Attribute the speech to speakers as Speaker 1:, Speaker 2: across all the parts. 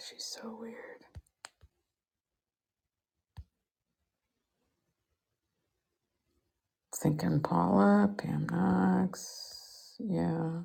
Speaker 1: she's so weird. Thinking Paula, Pam Knox. Yeah.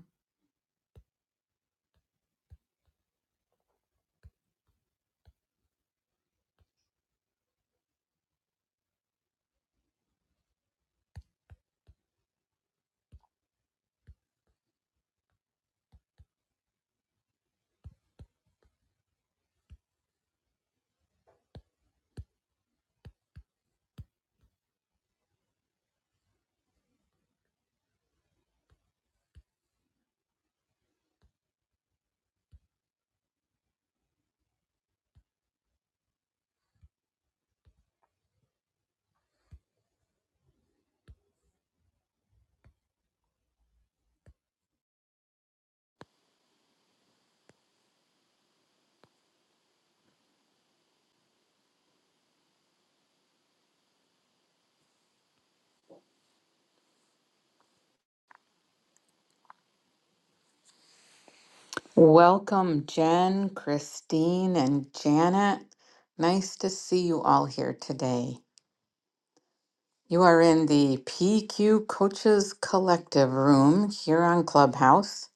Speaker 1: Welcome, Jen, Christine, and Janet. Nice to see you all here today. You are in the PQ Coaches Collective room here on Clubhouse.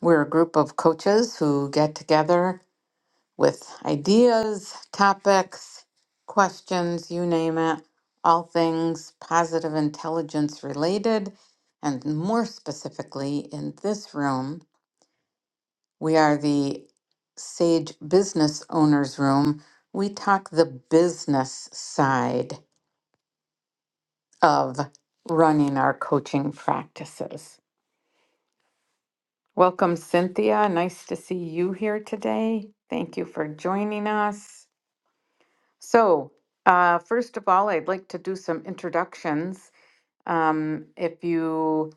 Speaker 1: We're a group of coaches who get together with ideas, topics, questions, you name it, all things positive intelligence related. And more specifically, in this room, we are the Sage Business Owners Room. We talk the business side of running our coaching practices. Welcome, Cynthia. Nice to see you here today. Thank you for joining us. So, uh, first of all, I'd like to do some introductions. Um, if you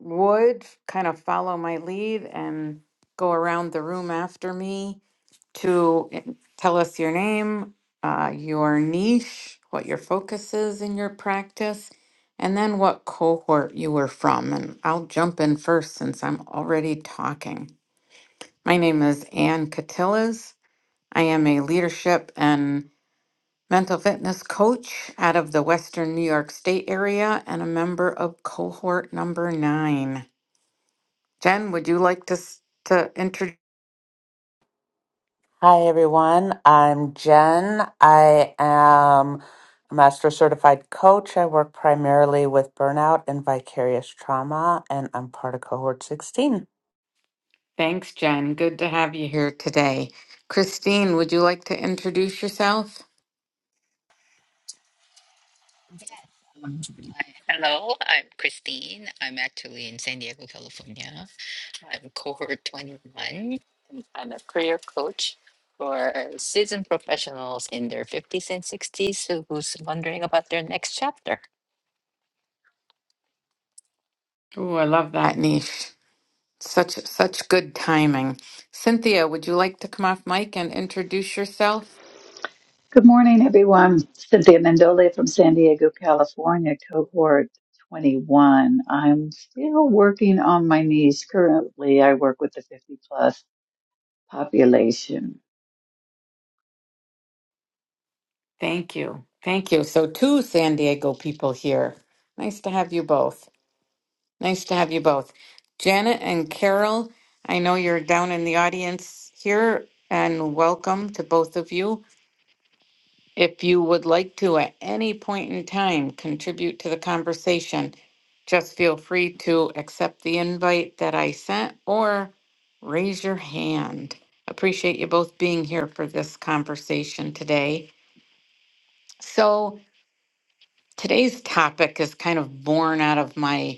Speaker 1: would kind of follow my lead and go around the room after me to in- tell us your name, uh, your niche, what your focus is in your practice, and then what cohort you were from. And I'll jump in first since I'm already talking. My name is Ann Catillas. I am a leadership and mental fitness coach out of the Western New York State area and a member of cohort number nine. Jen, would you like to s- to introduce?
Speaker 2: Hi, everyone. I'm Jen. I am a master certified coach. I work primarily with burnout and vicarious trauma, and I'm part of cohort 16.
Speaker 1: Thanks, Jen. Good to have you here today. Christine, would you like to introduce yourself?
Speaker 3: Hi. Hello, I'm Christine. I'm actually in San Diego, California. I'm cohort 21. I'm a career coach for seasoned professionals in their 50s and 60s who- who's wondering about their next chapter.
Speaker 1: Oh, I love that niche. Such such good timing. Cynthia, would you like to come off mic and introduce yourself?
Speaker 4: Good morning, everyone. Cynthia Mendoli from San Diego, California, cohort 21. I'm still working on my knees. Currently, I work with the 50 plus population.
Speaker 1: Thank you. Thank you. So two San Diego people here. Nice to have you both. Nice to have you both. Janet and Carol, I know you're down in the audience here, and welcome to both of you. If you would like to at any point in time contribute to the conversation, just feel free to accept the invite that I sent or raise your hand. Appreciate you both being here for this conversation today. So, today's topic is kind of born out of my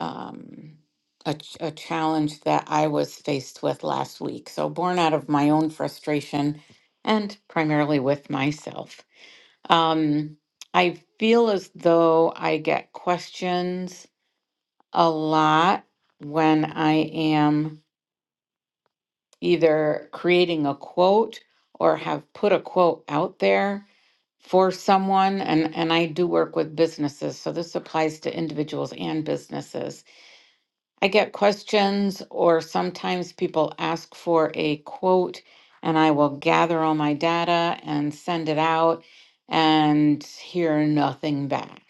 Speaker 1: um, a, ch- a challenge that I was faced with last week. So, born out of my own frustration and primarily with myself. Um, I feel as though I get questions a lot when I am either creating a quote or have put a quote out there for someone and and I do work with businesses so this applies to individuals and businesses I get questions, or sometimes people ask for a quote, and I will gather all my data and send it out and hear nothing back.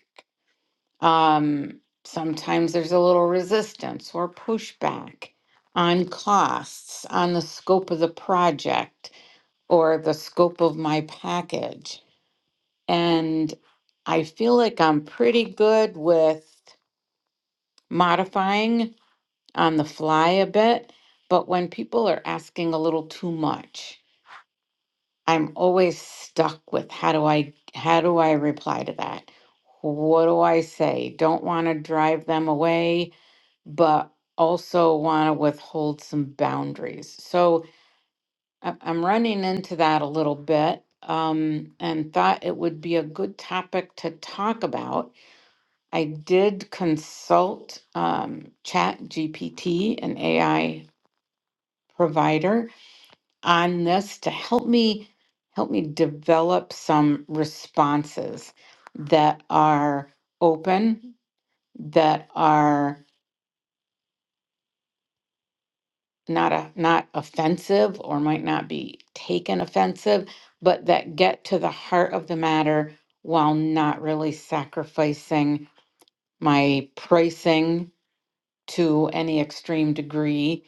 Speaker 1: Um, sometimes there's a little resistance or pushback on costs, on the scope of the project, or the scope of my package. And I feel like I'm pretty good with modifying on the fly a bit, but when people are asking a little too much, I'm always stuck with how do I how do I reply to that? What do I say? Don't want to drive them away, but also want to withhold some boundaries. So I- I'm running into that a little bit um, and thought it would be a good topic to talk about. I did consult um, Chat GPT, an AI provider, on this to help me help me develop some responses that are open that are not a, not offensive or might not be taken offensive but that get to the heart of the matter while not really sacrificing my pricing to any extreme degree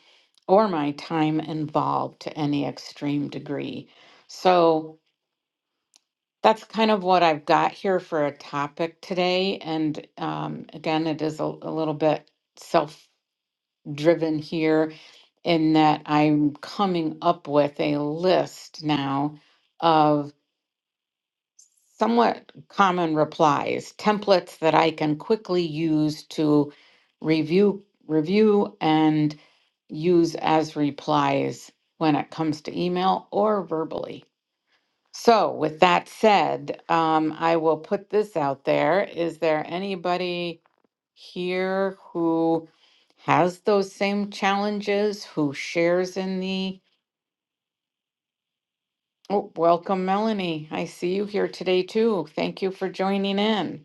Speaker 1: or my time involved to any extreme degree so That's kind of what I've got here for a topic today. And um, again, it is a, a little bit self driven here in that I'm coming up with a list now of somewhat common replies, templates that I can quickly use to review, review and use as replies when it comes to email or verbally. So, with that said, um, I will put this out there. Is there anybody here who has those same challenges, who shares in the? Oh, welcome, Melanie. I see you here today too. Thank you for joining in.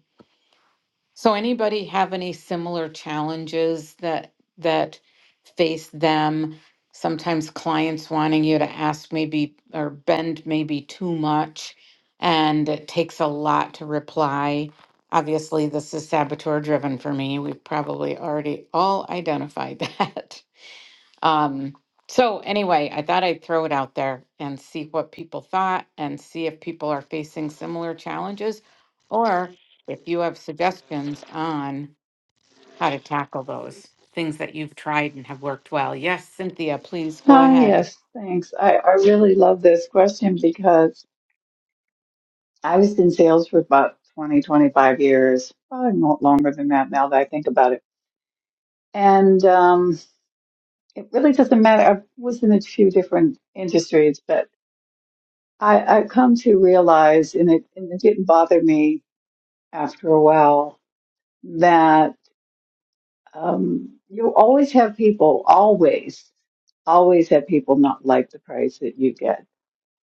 Speaker 1: So anybody have any similar challenges that that face them? Sometimes clients wanting you to ask maybe or bend maybe too much and it takes a lot to reply. Obviously, this is saboteur driven for me. We've probably already all identified that. Um, so anyway, I thought I'd throw it out there and see what people thought and see if people are facing similar challenges or if you have suggestions on how to tackle those things that you've tried and have worked well. Yes, Cynthia, please go
Speaker 4: Ah,
Speaker 1: ahead.
Speaker 4: yes, thanks. I, I really love this question because I was in sales for about twenty, twenty-five years, probably not longer than that now that I think about it. And um, it really doesn't matter. I was in a few different industries, I, I've come to realize, and it, and it didn't bother me after a while, that um, you always have people, always, always have people not like the price that you get.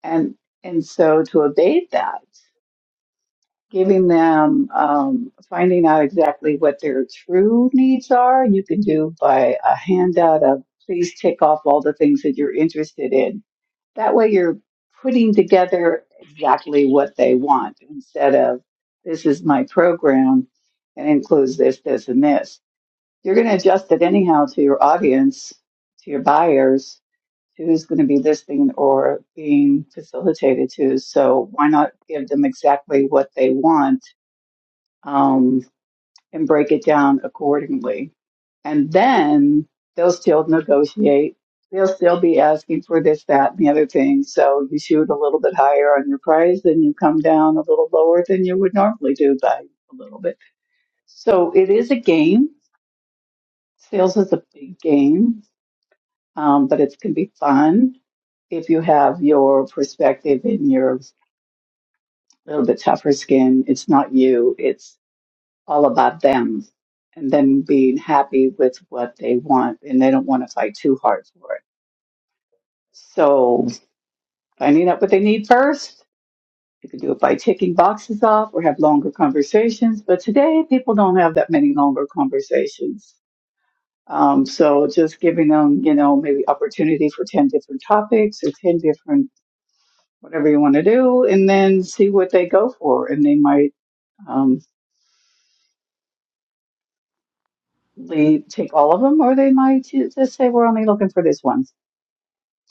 Speaker 4: And, and so to abate that, giving them, um, finding out exactly what their true needs are, you can do by a handout of please tick off all the things that you're interested in That way you're putting together exactly what they want instead of this is my program and includes this, this, and this. You're going to adjust it anyhow to your audience, to your buyers, to who's going to be listening or being facilitated to. So why not give them exactly what they want? Um, and break it down accordingly. And then they'll still negotiate. They'll still be asking for this, that, and the other thing. So you shoot a little bit higher on your price and you come down a little lower than you would normally do by a little bit. So it is a game. Sales is a big game, um, but it can be fun if you have your perspective and your little bit tougher skin. It's not you. It's all about them and them being happy with what they want and they don't want to fight too hard for it. So finding out what they need first, you can do it by ticking boxes off or have longer conversations. But today people don't have that many longer conversations. Um, so just giving them, you know, maybe opportunity for 10 different topics or 10 different, whatever you want to do, and then see what they go for. And they might, um, they take all of them or they might ju- just say, we're only looking for this one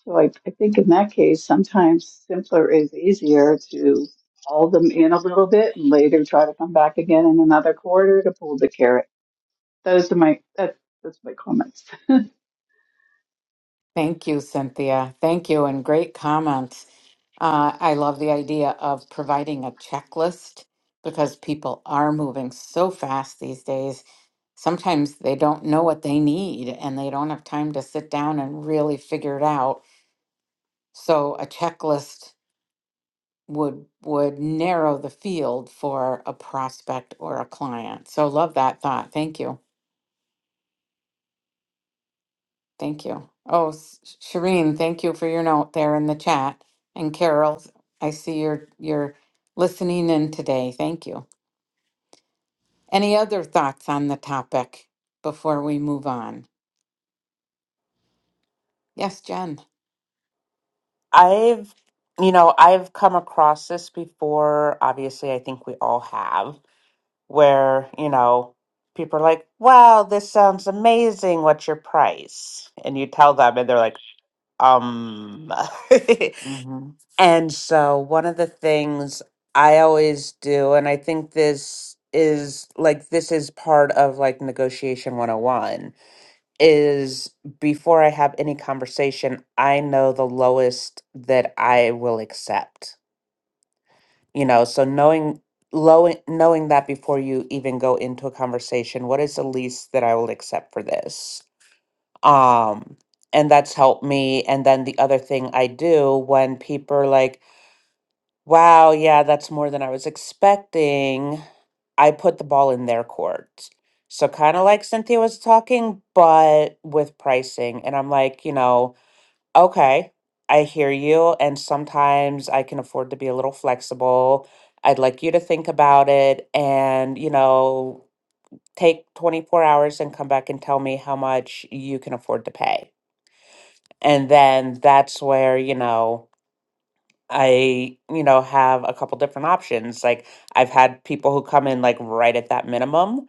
Speaker 4: So I, I think in that case, sometimes simpler is easier to haul them in a little bit and later try to come back again in another quarter to pull the carrot. Those are my that, that's my comments.
Speaker 1: Thank you, Cynthia. Thank you and great comment. Uh, I love the idea of providing a checklist because people are moving so fast these days. Sometimes they don't know what they need and they don't have time to sit down and really figure it out. So a checklist would would narrow the field for a prospect or a client. So love that thought. Thank you. Thank you. Oh, S- Shireen, thank you for your note there in the chat. And Carol, I see you're you're listening in today. Thank you. Any other thoughts on the topic before we move on? Yes, Jen.
Speaker 2: I've, you know, I've come across this before. Obviously, I think we all have, where, you know, people are like, wow, this sounds amazing. What's your price? And you tell them, and they're like, um,
Speaker 1: hmm
Speaker 2: And so, one of the things I always do, and I think this is like this is part of like negotiation 101 is before I have any conversation, I know the lowest that I will accept. You know, so knowing low knowing that before you even go into a conversation, what is the least that I will accept for this? Um and that's helped me. And then the other thing I do when people are like, Wow, yeah, that's more than I was expecting. I put the ball in their court. So kind of like Cynthia was talking, but with pricing. And I'm like, you know, okay, I hear you. And sometimes I can afford to be a little flexible. I'd like you to think about it and, you know, take 24 hours and come back and tell me how much you can afford to pay. And then that's where, you know, I, you know, have a couple different options. Like I've had people who come in like right at that minimum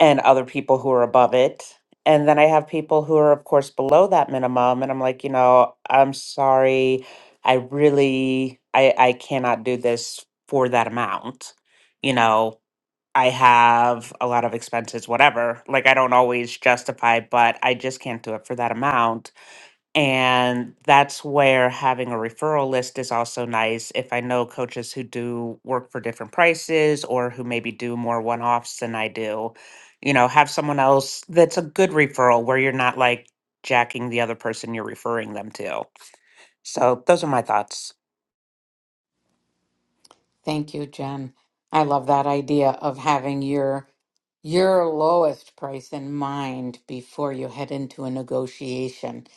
Speaker 2: and other people who are above it. And then I have people who are of course below that minimum and I'm like, you know, I'm sorry. I really I I cannot do this for that amount. You know, I have a lot of expenses whatever. Like I don't always justify, but I just can't do it for that amount and that's where having a referral list is also nice. If I know coaches who do work for different prices or who maybe do more one offs than I do, you know, have someone else that's a good referral where you're not like jacking the other person you're referring them to. So those are my thoughts.
Speaker 1: Thank you, Jen. I love that idea of having your your lowest price in mind before you head into a negotiation.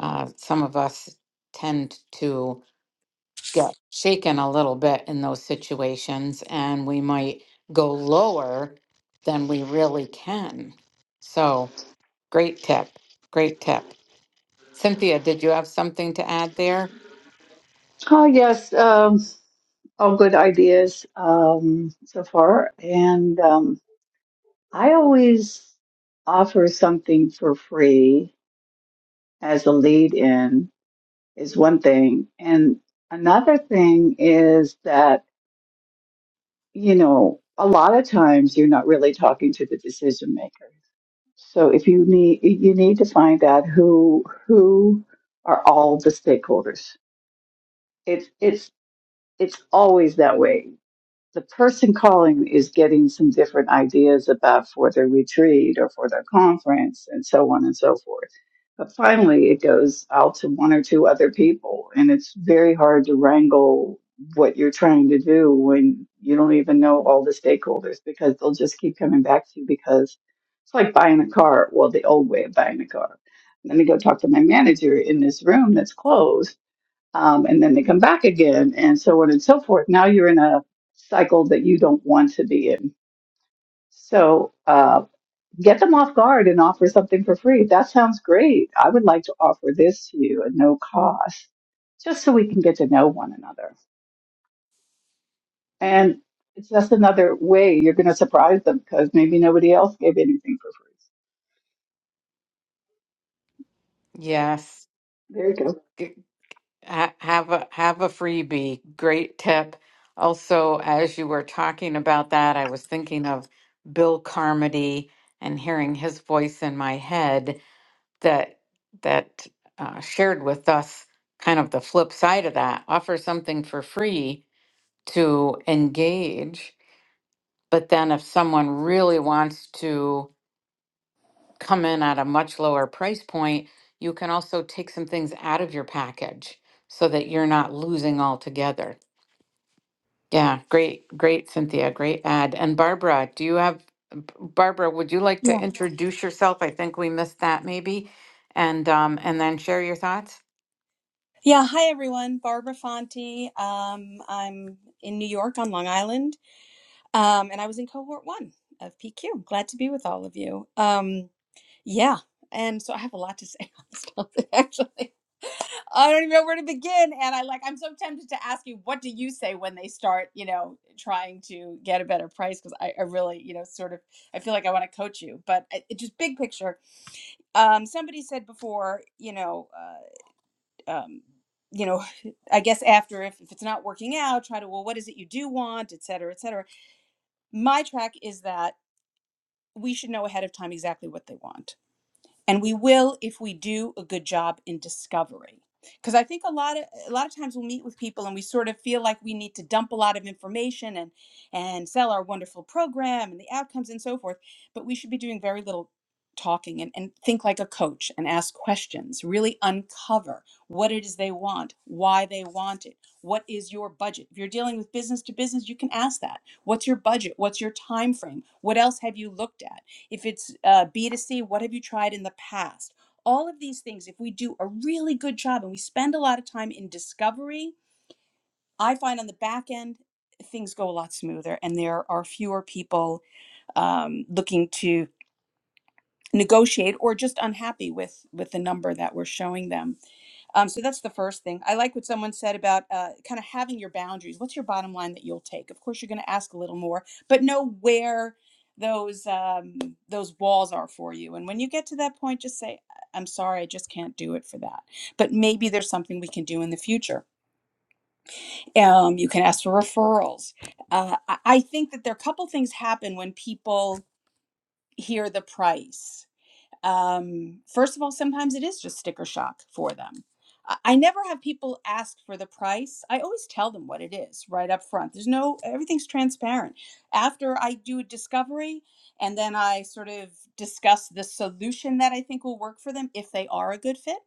Speaker 1: Uh, some of us tend to get shaken a little bit in those situations, and we might go lower than we really can. So, great tip. Great tip. Cynthia, did you have something to add there?
Speaker 4: Oh yes, um, all good ideas um, so far, and um, I always offer something for free as a lead-in is one thing, and another thing is that you know, a lot of times you're not really talking to the decision makers. So if you need you need to find out who who are all the stakeholders. It's it's it's always that way the person calling is getting some different ideas about for their retreat or for their conference and so on and so forth. But finally, it goes out to one or two other people, and it's very hard to wrangle what you're trying to do when you don't even know all the stakeholders because they'll just keep coming back to you because it's like buying a car. Well, the old way of buying a car. Let me go talk to my manager in this room that's closed um, and then they come back again, and so on and so forth. Now you're in a cycle that you don't want to be in. So uh, get them off guard and offer something for free. That sounds great. I would like to offer this to you at no cost, just so we can get to know one another. And it's just another way you're going to surprise them because maybe nobody else gave anything for free.
Speaker 1: Yes.
Speaker 4: There you go.
Speaker 1: G- ha- Have a have a freebie. Great tip. Also, as you were talking about that, I was thinking of Bill Carmody and hearing his voice in my head that that uh, shared with us kind of the flip side of that. Offer something for free to engage, but then if someone really wants to come in at a much lower price point, you can also take some things out of your package so that you're not losing altogether. Yeah, great, great, Cynthia, great ad. And Barbara, do you have, B- Barbara, would you like to
Speaker 5: Yeah.
Speaker 1: introduce yourself? I think we missed that maybe. And um, and then share your thoughts.
Speaker 5: Yeah. Hi, everyone. Barbara Fonte. Um, I'm in New York on Long Island, um, and I was in cohort one of PQ. Glad to be with all of you. Um, yeah. And so I have a lot to say on this topic, actually. I don't even know where to begin. And I like, I'm so tempted to ask you, what do you say when they start, you know, trying to get a better price? Because I, I really, you know, sort of, I feel like I want to coach you, but it, it just big picture. Um, somebody said before, you know, uh, um, you know, I guess after if, if it's not working out, try to, well, what is it you do want, et cetera, et cetera. My track is that we should know ahead of time exactly what they want and we will if we do a good job in discovery because i think a lot of a lot of times we'll meet with people and we sort of feel like we need to dump a lot of information and and sell our wonderful program and the outcomes and so forth but we should be doing very little talking and, and think like a coach and ask questions really uncover what it is they want why they want it what is your budget if you're dealing with business to business you can ask that what's your budget what's your time frame what else have you looked at if it's uh, B2C, what have you tried in the past? All of these things, if we do a really good job and we spend a lot of time in discovery, I find on the back end, things go a lot smoother and there are fewer people um, looking to negotiate or just unhappy with with the number that we're showing them um, so that's the first thing. I like what someone said about uh, kind of having your boundaries. What's your bottom line that you'll take? Of course, you're going to ask a little more, but know where those um, those walls are for you. And when you get to that point, just say, "I- am sorry, I just can't do it for that." But maybe there's something we can do in the future. Um, you can ask for referrals. Uh, I I think that there are a couple things happen when people hear the price um, first of all, sometimes it is just sticker shock for them. I I never have people ask for the price. I always tell them what it is right up front. There's no, everything's transparent. After I do a discovery and then I sort of discuss the solution that I think will work for them if they are a good fit.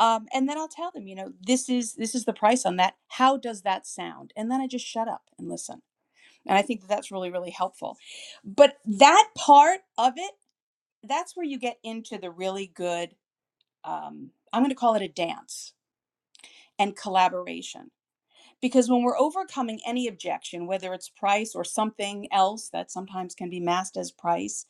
Speaker 5: Um, and then I'll tell them, you know, this is this is the price on that. How does that sound? And then I just shut up and listen. And I think that that's really really helpful. But that part of it that's where you get into the really good um, i'm going to call it a dance and collaboration because when we're overcoming any objection whether it's price or something else that sometimes can be masked as price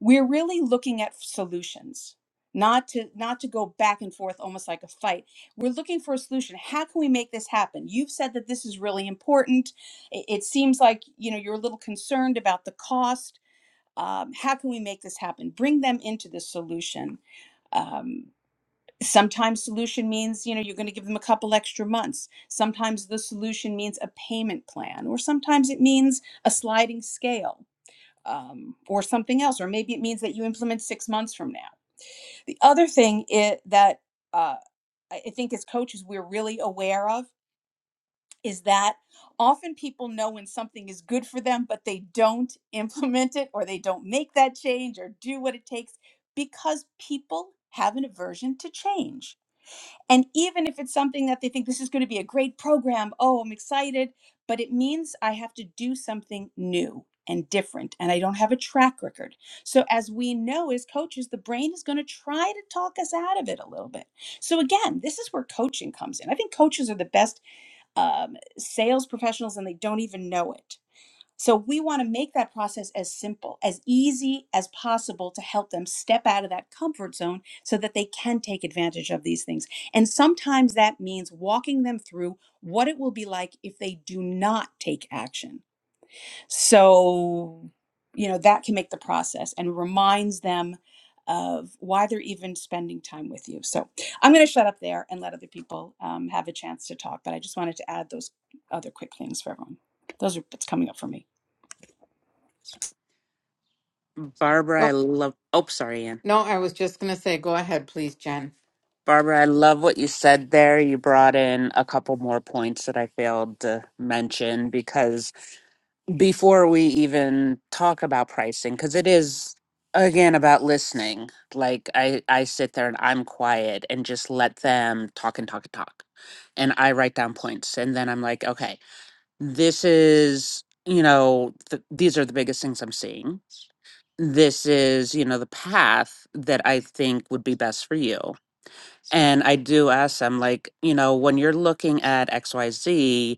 Speaker 5: we're really looking at solutions not to not to go back and forth almost like a fight we're looking for a solution how can we make this happen you've said that this is really important it, it seems like you know you're a little concerned about the cost um, how can we make this happen bring them into the solution um, sometimes solution means you know you're going to give them a couple extra months sometimes the solution means a payment plan or sometimes it means a sliding scale um, or something else or maybe it means that you implement six months from now the other thing i that uh, i I think as coaches we're really aware of is that often people know when something is good for them but they don't implement it or they don't make that change or do what it takes because people have an aversion to change and even if it's something that they think this is going to be a great program, oh, I'm excited, but it means I have to do something new and different and I don't have a track record. So, as we know as coaches, the brain is going to try to talk us out of it a little bit. So, again, this is where coaching comes in. I think coaches are the best um, sales professionals and they don't even know it so we want to make that process as simple, as easy as possible to help them step out of that comfort zone so that they can take advantage of these things. And sometimes that means walking them through what it will be like if they do not take action so, you know, that can make the process and reminds them of why they're even spending time with you. So I'm going to shut up there and let other people um, have a chance to talk. But I just wanted to add those other quick things for everyone. Those are what's coming up for me.
Speaker 2: Barbara, I
Speaker 1: Go-
Speaker 2: love. Oh, sorry, Ann.
Speaker 1: No, I was just gonna say, go ahead, please, Jen.
Speaker 2: Barbara, I love what you said there. You brought in a couple more points that I failed to mention because before we even talk about pricing because it is again about listening like i i sit there and i'm quiet and just let them talk and talk and talk and i write down points and then i'm like okay this is you know th- these are the biggest things i'm seeing this is you know the path that i think would be best for you and i do ask them like you know when you're looking at xyz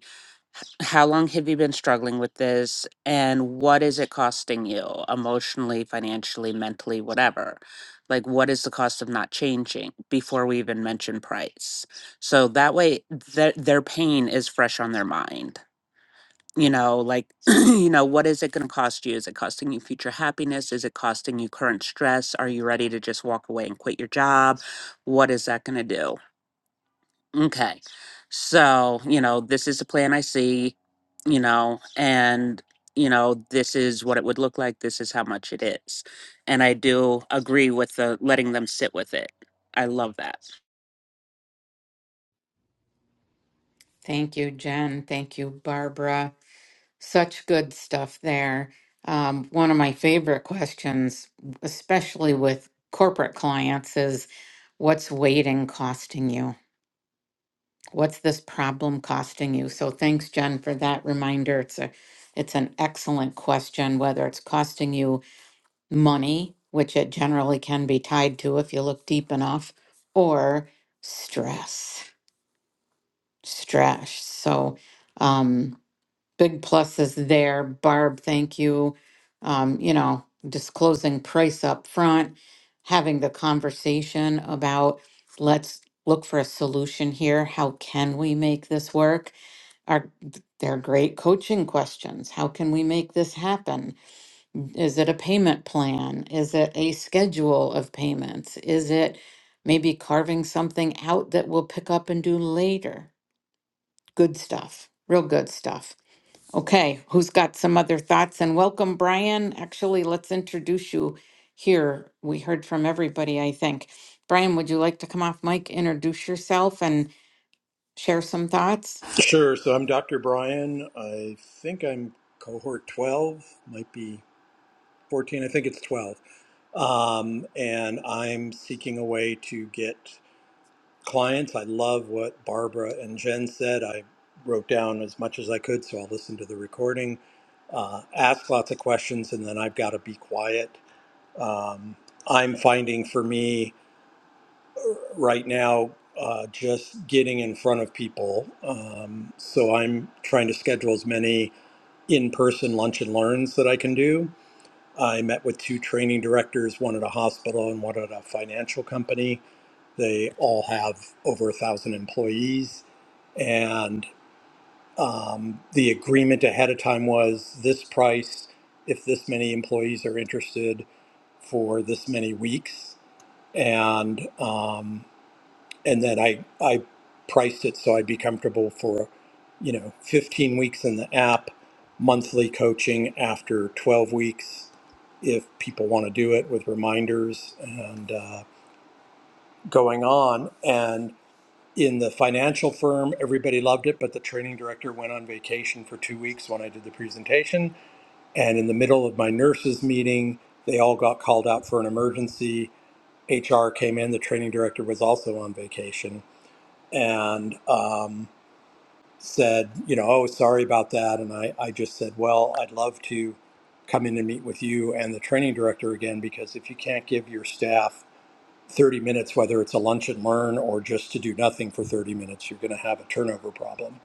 Speaker 2: how long have you been struggling with this and what is it costing you emotionally financially mentally whatever like what is the cost of not changing before we even mention price so that way their their pain is fresh on their mind you know like you know what is it going to cost you is it costing you future happiness is it costing you current stress are you ready to just walk away and quit your job what is that going to do Okay. So, you know, this is the plan I see, you know, and, you know, this is what it would look like. This is how much it is. And I do agree with the letting them sit with it. I love that.
Speaker 1: Thank you, Jen. Thank you, Barbara. Such good stuff there. Um, one of my favorite questions, especially with corporate clients, is what's waiting costing you? What's this problem costing you? So thanks, Jen, for that reminder. It's a it's an excellent question, whether it's costing you money, which it generally can be tied to if you look deep enough, or stress. Stress. So um big pluses there. Barb, thank you. Um, you know, disclosing price up front, having the conversation about let's look for a solution here. How can we make this work? Are they're great coaching questions. How can we make this happen? Is it a payment plan? Is it a schedule of payments? Is it maybe carving something out that we'll pick up and do later? Good stuff. Real good stuff. Okay, who's got some other thoughts? And welcome, Brian. Actually, let's introduce you here. We heard from everybody, I think. Brian, would you like to come off mic, introduce yourself, and share some thoughts?
Speaker 6: Sure. So I'm Dr. Brian. I think I'm cohort 12, might be 14. I think it's 12. Um, and I'm seeking a way to get clients. I love what Barbara and Jen said. I wrote down as much as I could, so I'll listen to the recording, uh, ask lots of questions, and then I've got to be quiet. Um, I'm finding for me, right now uh, just getting in front of people. Um, so I'm trying to schedule as many in person lunch and learns that I can do. I met with two training directors, one at a hospital and one at a financial company. They all have over a thousand employees. And um, the agreement ahead of time was this price if this many employees are interested for this many weeks. And um, and then I I priced it so I'd be comfortable for, you know, 15 weeks in the app, monthly coaching after 12 weeks, if people want to do it with reminders and uh, going on. And in the financial firm, everybody loved it, but the training director went on vacation for two weeks when I did the presentation. And in the middle of my nurses meeting, they all got called out for an emergency. HR came in. The training director was also on vacation and um, said, you know, oh, sorry about that. And I, I just said, well, I'd love to come in and meet with you and the training director again, because if you can't give your staff 30 minutes, whether it's a lunch and learn or just to do nothing for 30 minutes, you're going to have a turnover problem.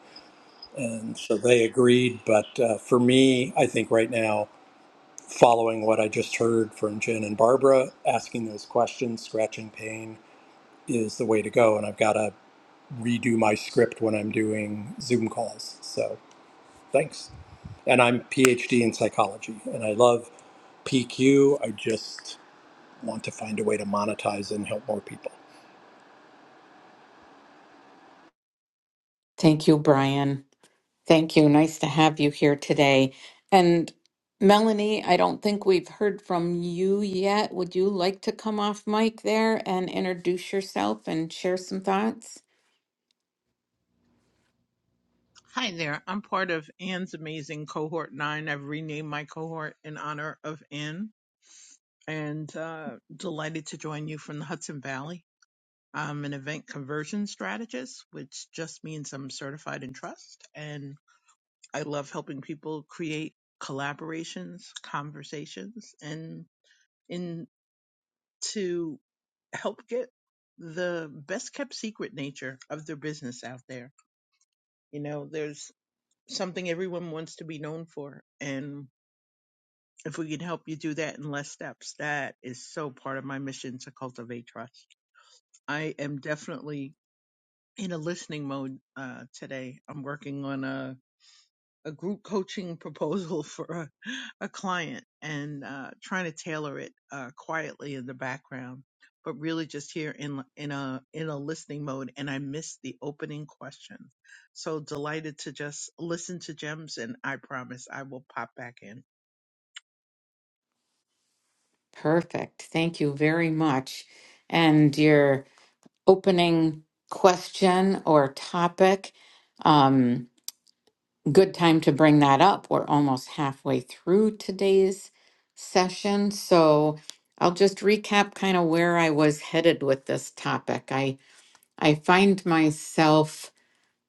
Speaker 6: And so they agreed. But uh, for me, I think right now, following what I just heard from Jen and Barbara, asking those questions, scratching pain is the way to go. And I've got a redo my script when I'm doing Zoom calls. So thanks. And I'm PhD in psychology, and I love PQ. I just want to find a way to monetize and help more people.
Speaker 1: Thank you, Brian. Thank you. Nice to have you here today. And Melanie, I don't think we've heard from you yet. Would you like to come off mic there and introduce yourself and share some thoughts?
Speaker 7: Hi there. I'm part of Anne's amazing cohort nine. I've renamed my cohort in honor of Anne and uh, delighted to join you from the Hudson Valley. I'm an event conversion strategist, which just means I'm certified in trust. And I love helping people create collaborations, conversations, and in to help get the best kept secret nature of their business out there. You know, there's something everyone wants to be known for. And if we can help you do that in less steps, that is so part of my mission to cultivate trust. I am definitely in a listening mode uh, today. I'm working on a, a group coaching proposal for a, a client and uh, trying to tailor it uh, quietly in the background, but really just here in in a in a listening mode. And I missed the opening question, so delighted to just listen to gems. And I promise I will pop back in.
Speaker 1: Perfect. Thank you very much. And your opening question or topic, um, good time to bring that up. We're almost halfway through today's session. So I'll just recap kind of where I was headed with this topic. I, I find myself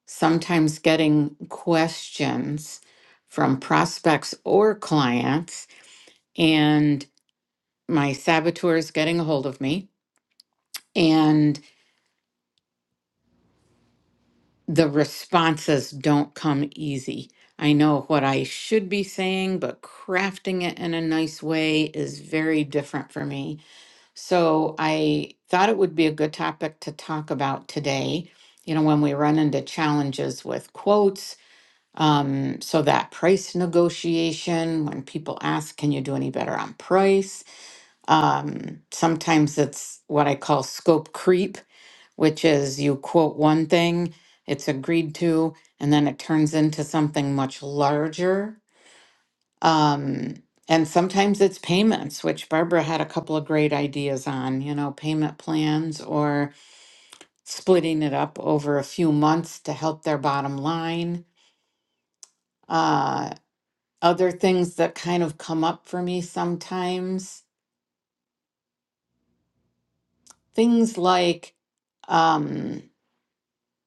Speaker 1: sometimes getting questions from prospects or clients, and my saboteur is getting a hold of me. and. the responses don't come easy. I know what I should be saying, but crafting it in a nice way is very different for me. So I thought it would be a good topic to talk about today. You know, when we run into challenges with quotes, um, so that price negotiation, when people ask, can you do any better on price? Um, sometimes it's what I call scope creep which is you quote one thing, it's agreed to, and then it turns into something much larger. Um, and sometimes it's payments, which Barbara had a couple of great ideas on, you know, payment plans or splitting it up over a few months to help their bottom line. Uh, other things that kind of come up for me sometimes, things like um,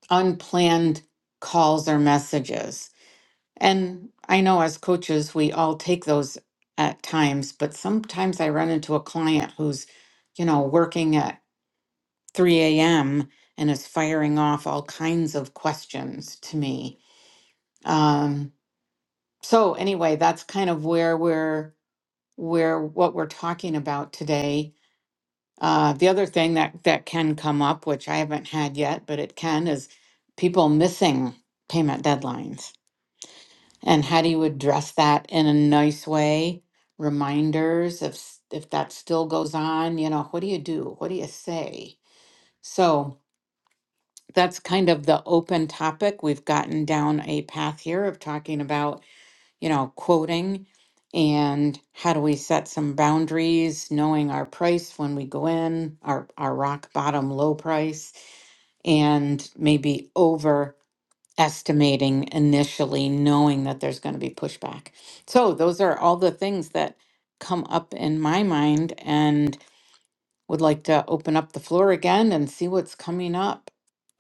Speaker 1: unplanned calls or messages And I know as coaches, we all take those at times, but sometimes I run into a client who's, you know, working at 3 a.m. and is firing off all kinds of questions to me. Um, so anyway, that's kind of where we're where what we're talking about today. Uh, the other thing that that can come up, which I haven't had yet, but it can, is people missing payment deadlines and how do you address that in a nice way reminders if s- if that still goes on you know what do you do what do you say so that's kind of the open topic we've gotten down a path here of talking about you know quoting and how do we set some boundaries knowing our price when we go in our our rock bottom low price and maybe over estimating initially, knowing that there's going to be pushback. So, those are all the things that come up in my mind and would like to open up the floor again and see what's coming up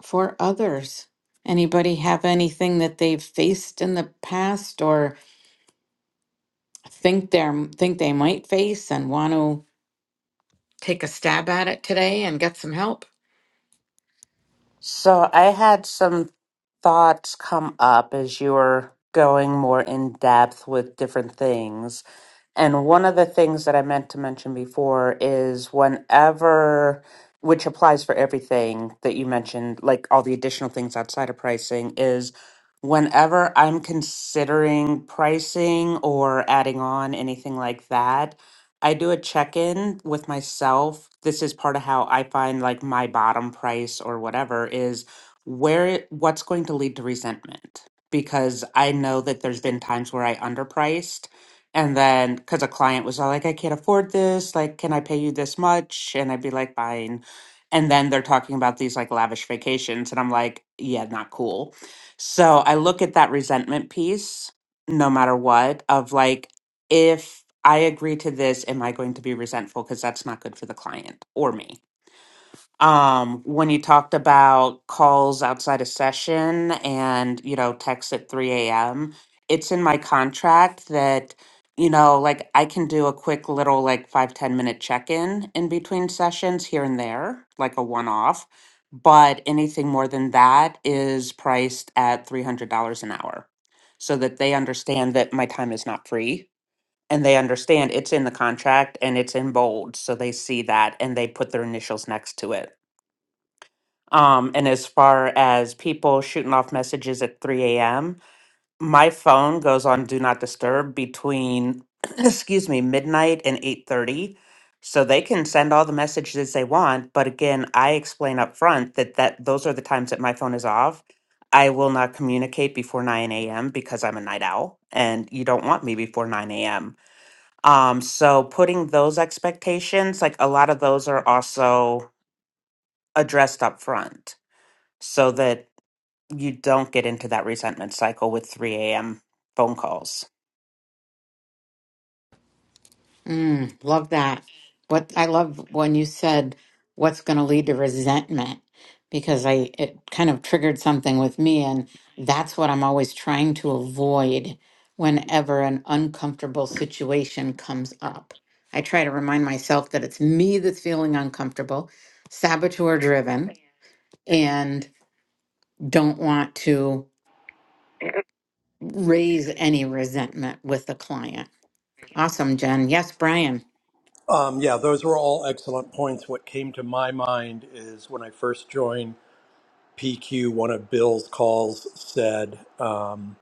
Speaker 1: for others. Anybody have anything that they've faced in the past or think they are think they might face and want to take a stab at it today and get some help?
Speaker 2: So I had some thoughts come up as you were going more in depth with different things. And one of the things that I meant to mention before is whenever, which applies for everything that you mentioned, like all the additional things outside of pricing, is whenever I'm considering pricing or adding on anything like that, I do a check in with myself. This is part of how I find like my bottom price or whatever is where what's going to lead to resentment because I know that there's been times where I underpriced and then, because a client was all like, I can't afford this. Like, can I pay you this much? And I'd be like, fine. And then they're talking about these like lavish vacations. And I'm like, yeah, not cool. So I look at that resentment piece, no matter what, of like, if I agree to this, am I going to be resentful? Because that's not good for the client or me um when you talked about calls outside of session and you know texts at 3 a.m it's in my contract that you know like i can do a quick little like five ten minute check-in in in between sessions here and there like a one-off but anything more than that is priced at $300 an hour so that they understand that my time is not free and they understand it's in the contract and it's in bold so they see that and they put their initials next to it um, and as far as people shooting off messages at 3 a.m., my phone goes on do not disturb between, excuse me, midnight and 8:30. So they can send all the messages they want, but again, I explain up front that that those are the times that my phone is off. I will not communicate before 9 a.m. because I'm a night owl, and you don't want me before 9 a.m. Um, so putting those expectations, like a lot of those are also addressed up front so that you don't get into that resentment cycle with 3 a.m. phone calls.
Speaker 1: Mm, love that. What I love when you said what's going to lead to resentment because I it kind of triggered something with me and that's what I'm always trying to avoid whenever an uncomfortable situation comes up. I try to remind myself that it's me that's feeling uncomfortable, saboteur driven and don't want to raise any resentment with the client. Awesome, Jen. Yes, Brian.
Speaker 6: Um, yeah, those were all excellent points. What came to my mind is when I first joined PQ, one of Bill's calls said. Um,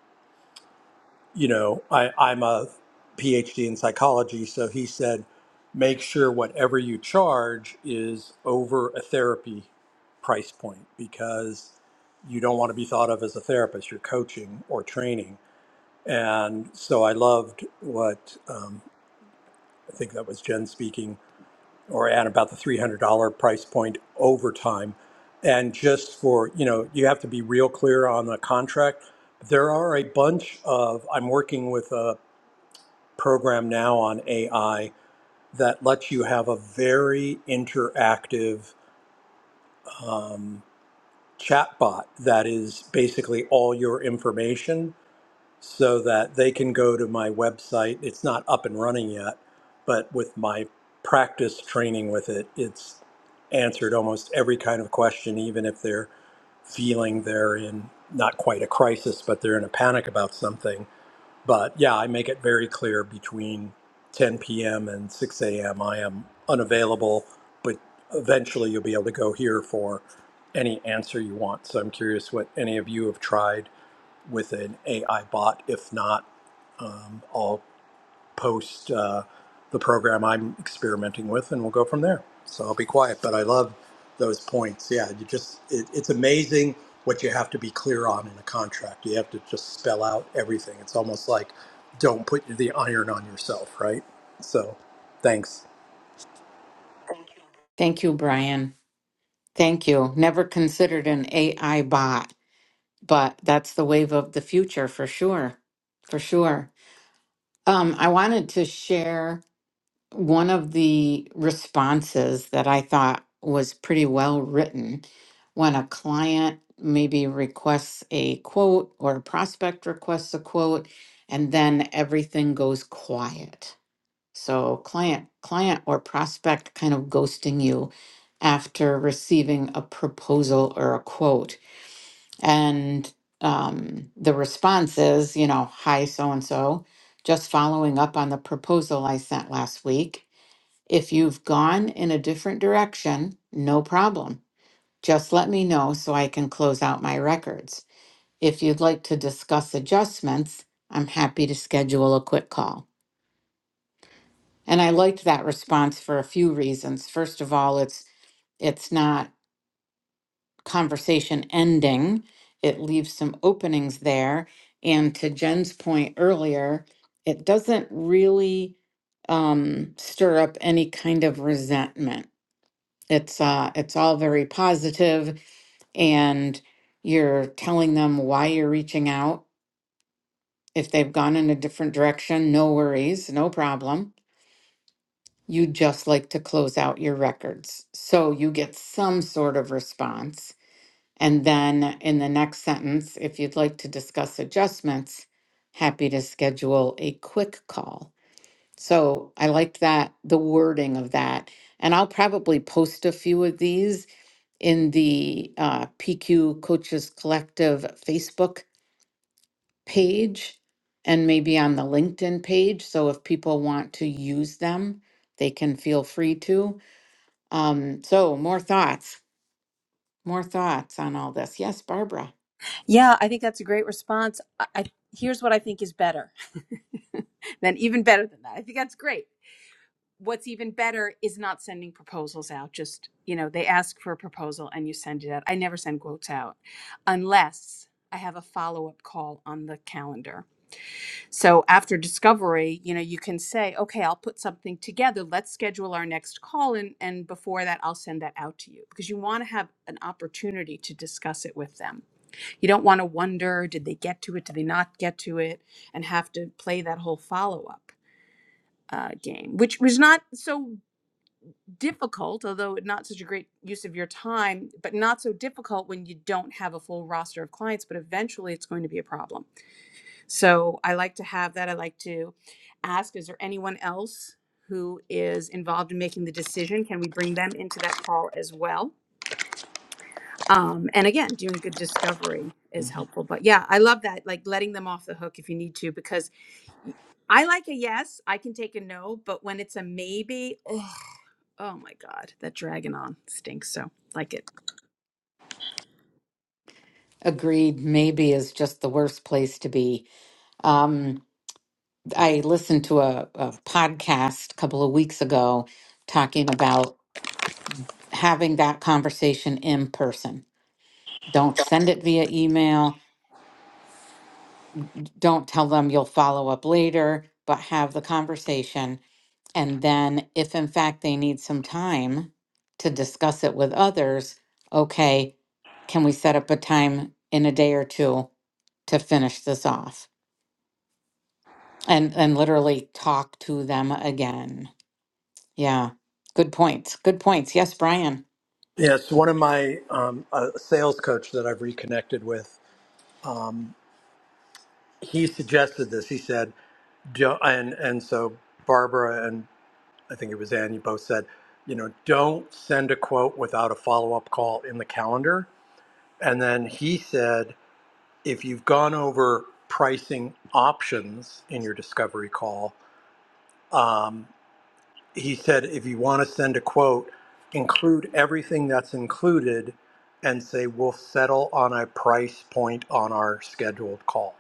Speaker 6: you know, I, I'm a PhD in psychology, so he said, make sure whatever you charge is over a therapy price point because you don't want to be thought of as a therapist. You're coaching or training. And so I loved what um, I think that was Jen speaking or at about the $300 price point over time. And just for, you know, you have to be real clear on the contract there are a bunch of i'm working with a program now on AI that lets you have a very interactive um, chatbot that is basically all your information so that they can go to my website. It's not up and running yet, but with my practice training with it, it's answered almost every kind of question, even if they're feeling they're in not quite a crisis, but they're in a panic about something but yeah, I make it very clear between 10 p.m. and 6 a.m. I am unavailable, but eventually you'll be able to go here for any answer you want. So I'm curious what any of you have tried with an AI bot. If not, um, I'll post uh, the program I'm experimenting with, and we'll go from there. So I'll be quiet, but I love those points. Yeah, you just it, it's amazing what you have to be clear on in a contract. You have to just spell out everything. It's almost like don't put the iron on yourself, right? So, thanks.
Speaker 1: Thank you, Brian. Thank you. Never considered an AI bot, but that's the wave of the future for sure. For sure. Um, I wanted to share one of the responses that I thought was pretty well written when a client maybe requests a quote or a prospect requests a quote, and then everything goes quiet so client, client or prospect kind of ghosting you after receiving a proposal or a quote. And um, the response is, you know, hi, so and so, just following up on the proposal I sent last week. If you've gone in a different direction, no problem. Just let me know so I can close out my records. If you'd like to discuss adjustments, I'm happy to schedule a quick call. And I liked that response for a few reasons. First of all, it's it's not conversation ending. It leaves some openings there. And to Jen's point earlier, it doesn't really um, stir up any kind of resentment. It's uh, it's all very positive, and you're telling them why you're reaching out. If they've gone in a different direction, no worries, no problem you would just like to close out your records. So you get some sort of response. And then in the next sentence, if you'd like to discuss adjustments, happy to schedule a quick call. So I like that, the wording of that. And I'll probably post a few of these in the uh, PQ Coaches Collective Facebook page and maybe on the LinkedIn page. So if people want to use them, they can feel free to. Um, so more thoughts, more thoughts on all this. Yes, Barbara.
Speaker 5: Yeah, I think that's a great response. I, I here's what I think is better. then even better than that. I think that's great. What's even better is not sending proposals out. Just, you know, they ask for a proposal and you send it out. I never send quotes out unless I have a follow up call on the calendar. So after discovery, you know, you can say, okay, I'll put something together. Let's schedule our next call. And, and before that, I'll send that out to you because you want to have an opportunity to discuss it with them you don't want to wonder did they get to it, did they not get to it, and have to play that whole follow up uh, game, which was not so difficult, although not such a great use of your time, but not so difficult when you don't have a full roster of clients, but eventually it's going to be a problem. So I like to have that. I like to ask is there anyone else? Who is involved in making the decision? Can we bring them into that call as well? um and again doing good discovery is helpful but yeah i love that like letting them off the hook if you need to because y- i like a yes i can take a no but when it's a maybe ugh, oh my god that dragging on stinks so like it
Speaker 1: Agreed, maybe is just the worst place to be. Um, I listened to a, a podcast a couple of weeks ago talking about having that conversation in person. Don't send it via email. Don't tell them you'll follow up later, but have the conversation And then, if in fact they need some time to discuss it with others, okay, can we set up a time in a day or two to finish this off? And and literally talk to them again. Yeah. Good points. Good points. Yes, Brian.
Speaker 6: Yes, one of my um, a sales coach that I've reconnected with, he suggested this. He said, "Don't," and and so Barbara and I think it was Ann, you both said, you know, don't send a quote without a follow up call in the calendar. And then he said, if you've gone over pricing options in your discovery call, um, he said, if you want to send a quote, include everything that's included and say, we'll settle on a price point on our scheduled call.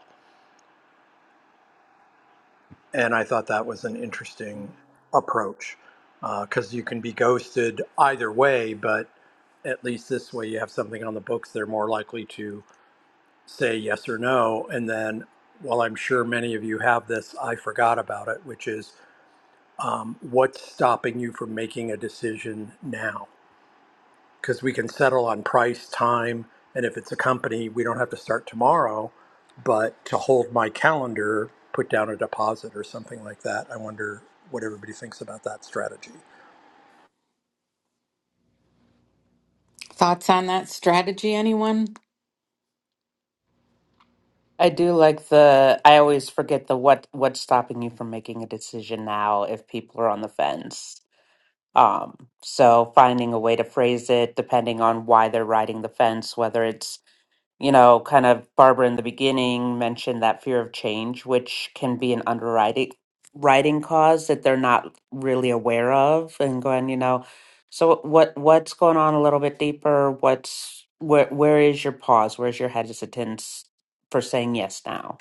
Speaker 6: and I thought that was an interesting approach because you can be ghosted either way, but at least this way you have something on the books they're more likely to say yes or no. And then, well, I'm sure many of you have this, I forgot about it, which is um, what's stopping you from making a decision now? because we can settle on price, time, and if it's a company, we don't have to start tomorrow. But to hold my calendar, put down a deposit or something like that. I wonder what everybody thinks about that strategy.
Speaker 1: Thoughts on that strategy, anyone?
Speaker 2: I do like the I always forget the what what's stopping you from making a decision now if people are on the fence. Um so finding a way to phrase it depending on why they're riding the fence whether it's you know, kind of Barbara in the beginning mentioned that fear of change, which can be an underwriting writing cause that they're not really aware of and going, you know, so what what's going on a little bit deeper? What's where where is your pause? Where's your hesitance for saying yes now?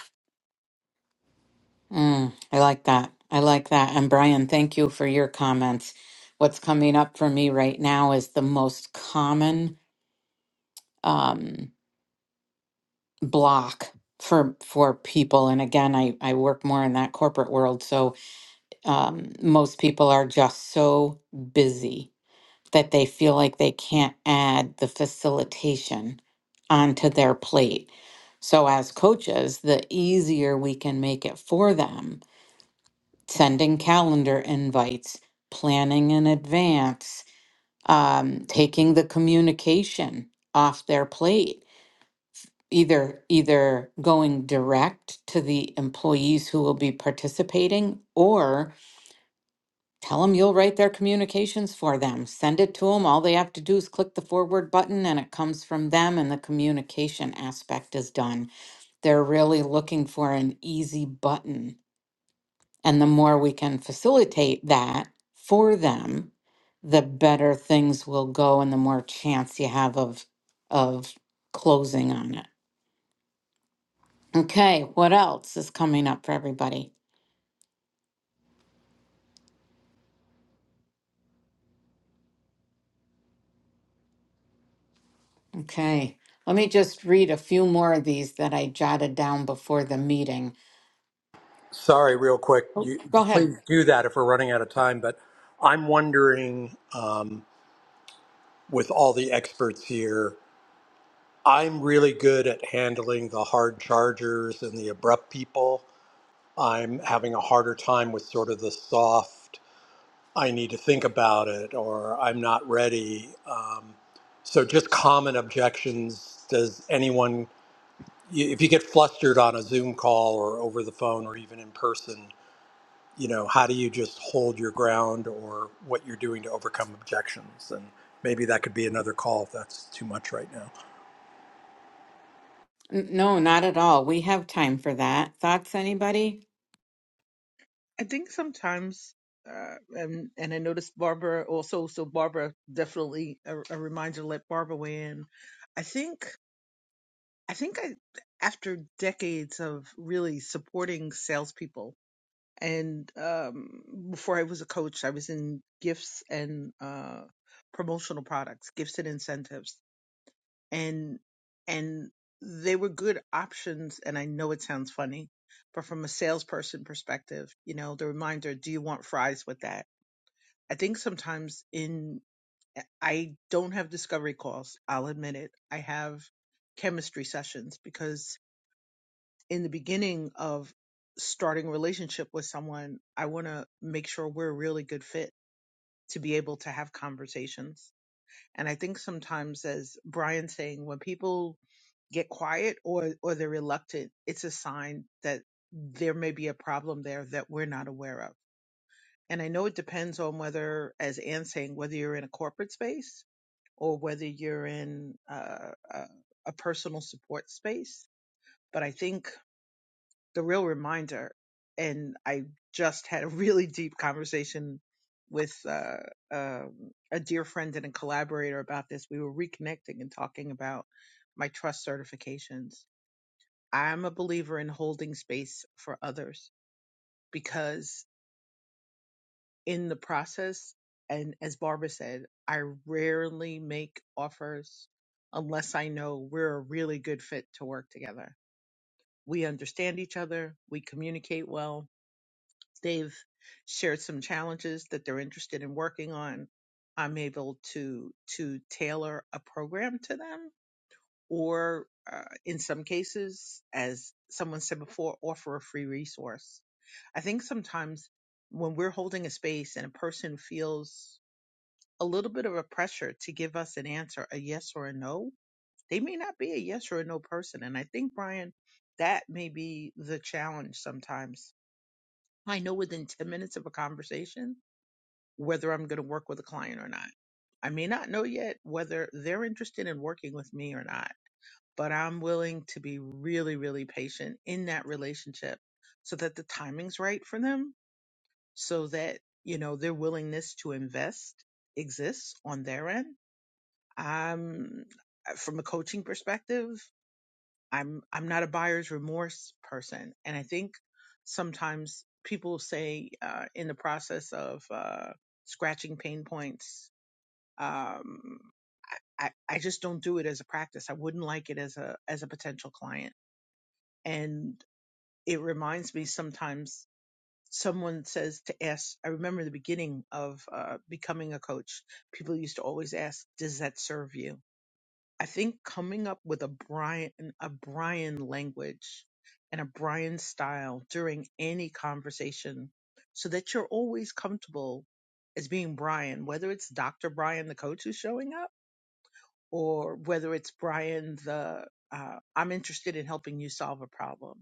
Speaker 1: Mm, I like that. I like that. And Brian, thank you for your comments. What's coming up for me right now is the most common. Um, block for for people and again I I work more in that corporate world so um most people are just so busy that they feel like they can't add the facilitation onto their plate. So as coaches, the easier we can make it for them, sending calendar invites, planning in advance, um taking the communication off their plate either either going direct to the employees who will be participating or tell them you'll write their communications for them send it to them all they have to do is click the forward button and it comes from them and the communication aspect is done they're really looking for an easy button and the more we can facilitate that for them the better things will go and the more chance you have of of closing on it Okay, what else is coming up for everybody? Okay, let me just read a few more of these that I jotted down before the meeting.
Speaker 6: Sorry, real quick,
Speaker 1: Oh,
Speaker 6: you
Speaker 1: go ahead.
Speaker 6: please do that if we're running out of time. But I'm wondering, um, with all the experts here, I'm really good at handling the hard chargers and the abrupt people. I'm having a harder time with sort of the soft I need to think about it or I'm not ready. Um, so just common objections. Does anyone, y- if you get flustered on a Zoom call or over the phone or even in person, you know, how do you just hold your ground or what you're doing to overcome objections? And maybe that could be another call if that's too much right now.
Speaker 1: N- No, not at all. We have time for that. Thoughts, anybody?
Speaker 7: I think sometimes, uh, and and I noticed Barbara also. So Barbara definitely a, a reminder. Let Barbara weigh in. I think I think I after decades of really supporting salespeople, and um, before I was a coach, I was in gifts and uh, promotional products, gifts and incentives and and they were good options and i know it sounds funny but from a salesperson perspective you know the reminder do you want fries with that i think sometimes in i don't have discovery calls i'll admit it i have chemistry sessions because in the beginning of starting a relationship with someone i want to make sure we're a really good fit to be able to have conversations and I think sometimes, as Brian's saying, when people get quiet or or they're reluctant, it's a sign that there may be a problem there that we're not aware of. And I know it depends on whether, as Anne's saying, whether you're in a corporate space or whether you're in uh, a, a personal support space. But I think the real reminder and i just had a really deep conversation with uh, um, a dear friend and a collaborator about this we were reconnecting and talking about my trust certifications i'm a believer in holding space for others because in the process and as barbara said i rarely make offers unless i know we're a really good fit to work together we understand each other we communicate well They've shared some challenges that they're interested in working on. I'm able to to tailor a program to them, or uh, in some cases, as someone said before, offer a free resource. I think sometimes when we're holding a space and a person feels a little bit of a pressure to give us an answer, a yes or a no, they may not be a yes or a no person. And I think, Brian, that may be the challenge sometimes. I know within 10 minutes of a conversation, whether I'm going to work with a client or not. I may not know yet whether they're interested in working with me or not, but I'm willing to be really, really patient in that relationship so that the timing's right for them, so that, you know, their willingness to invest exists on their end. I'm uh, from a coaching perspective, I'm I'm not a buyer's remorse person. And I think sometimes people say uh, in the process of uh, scratching pain points um, I, I just don't do it as a practice. I wouldn't like it as a as a potential client. And it reminds me sometimes someone says to ask. I remember the beginning of uh, becoming a coach. People used to always ask, "Does that serve you?" I think coming up with a Brian a Brian language and a Brian style during any conversation, so that you're always comfortable as being Brian, whether it's Dr. Brian, the coach, who's showing up or whether it's Brian, the uh, I'm interested in helping you solve a problem.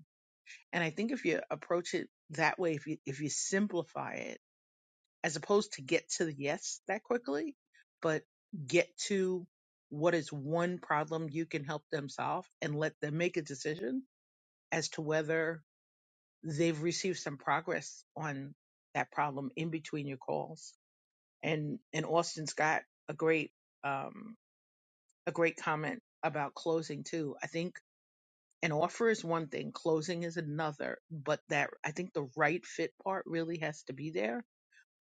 Speaker 7: And I think if you approach it that way, if you if you simplify it, as opposed to get to the yes that quickly, but get to what is one problem you can help them solve and let them make a decision as to whether they've received some progress on that problem in between your calls. And and Austin's got a great um, a great comment about closing too. I think an offer is one thing, closing is another, but that I think the right fit part really has to be there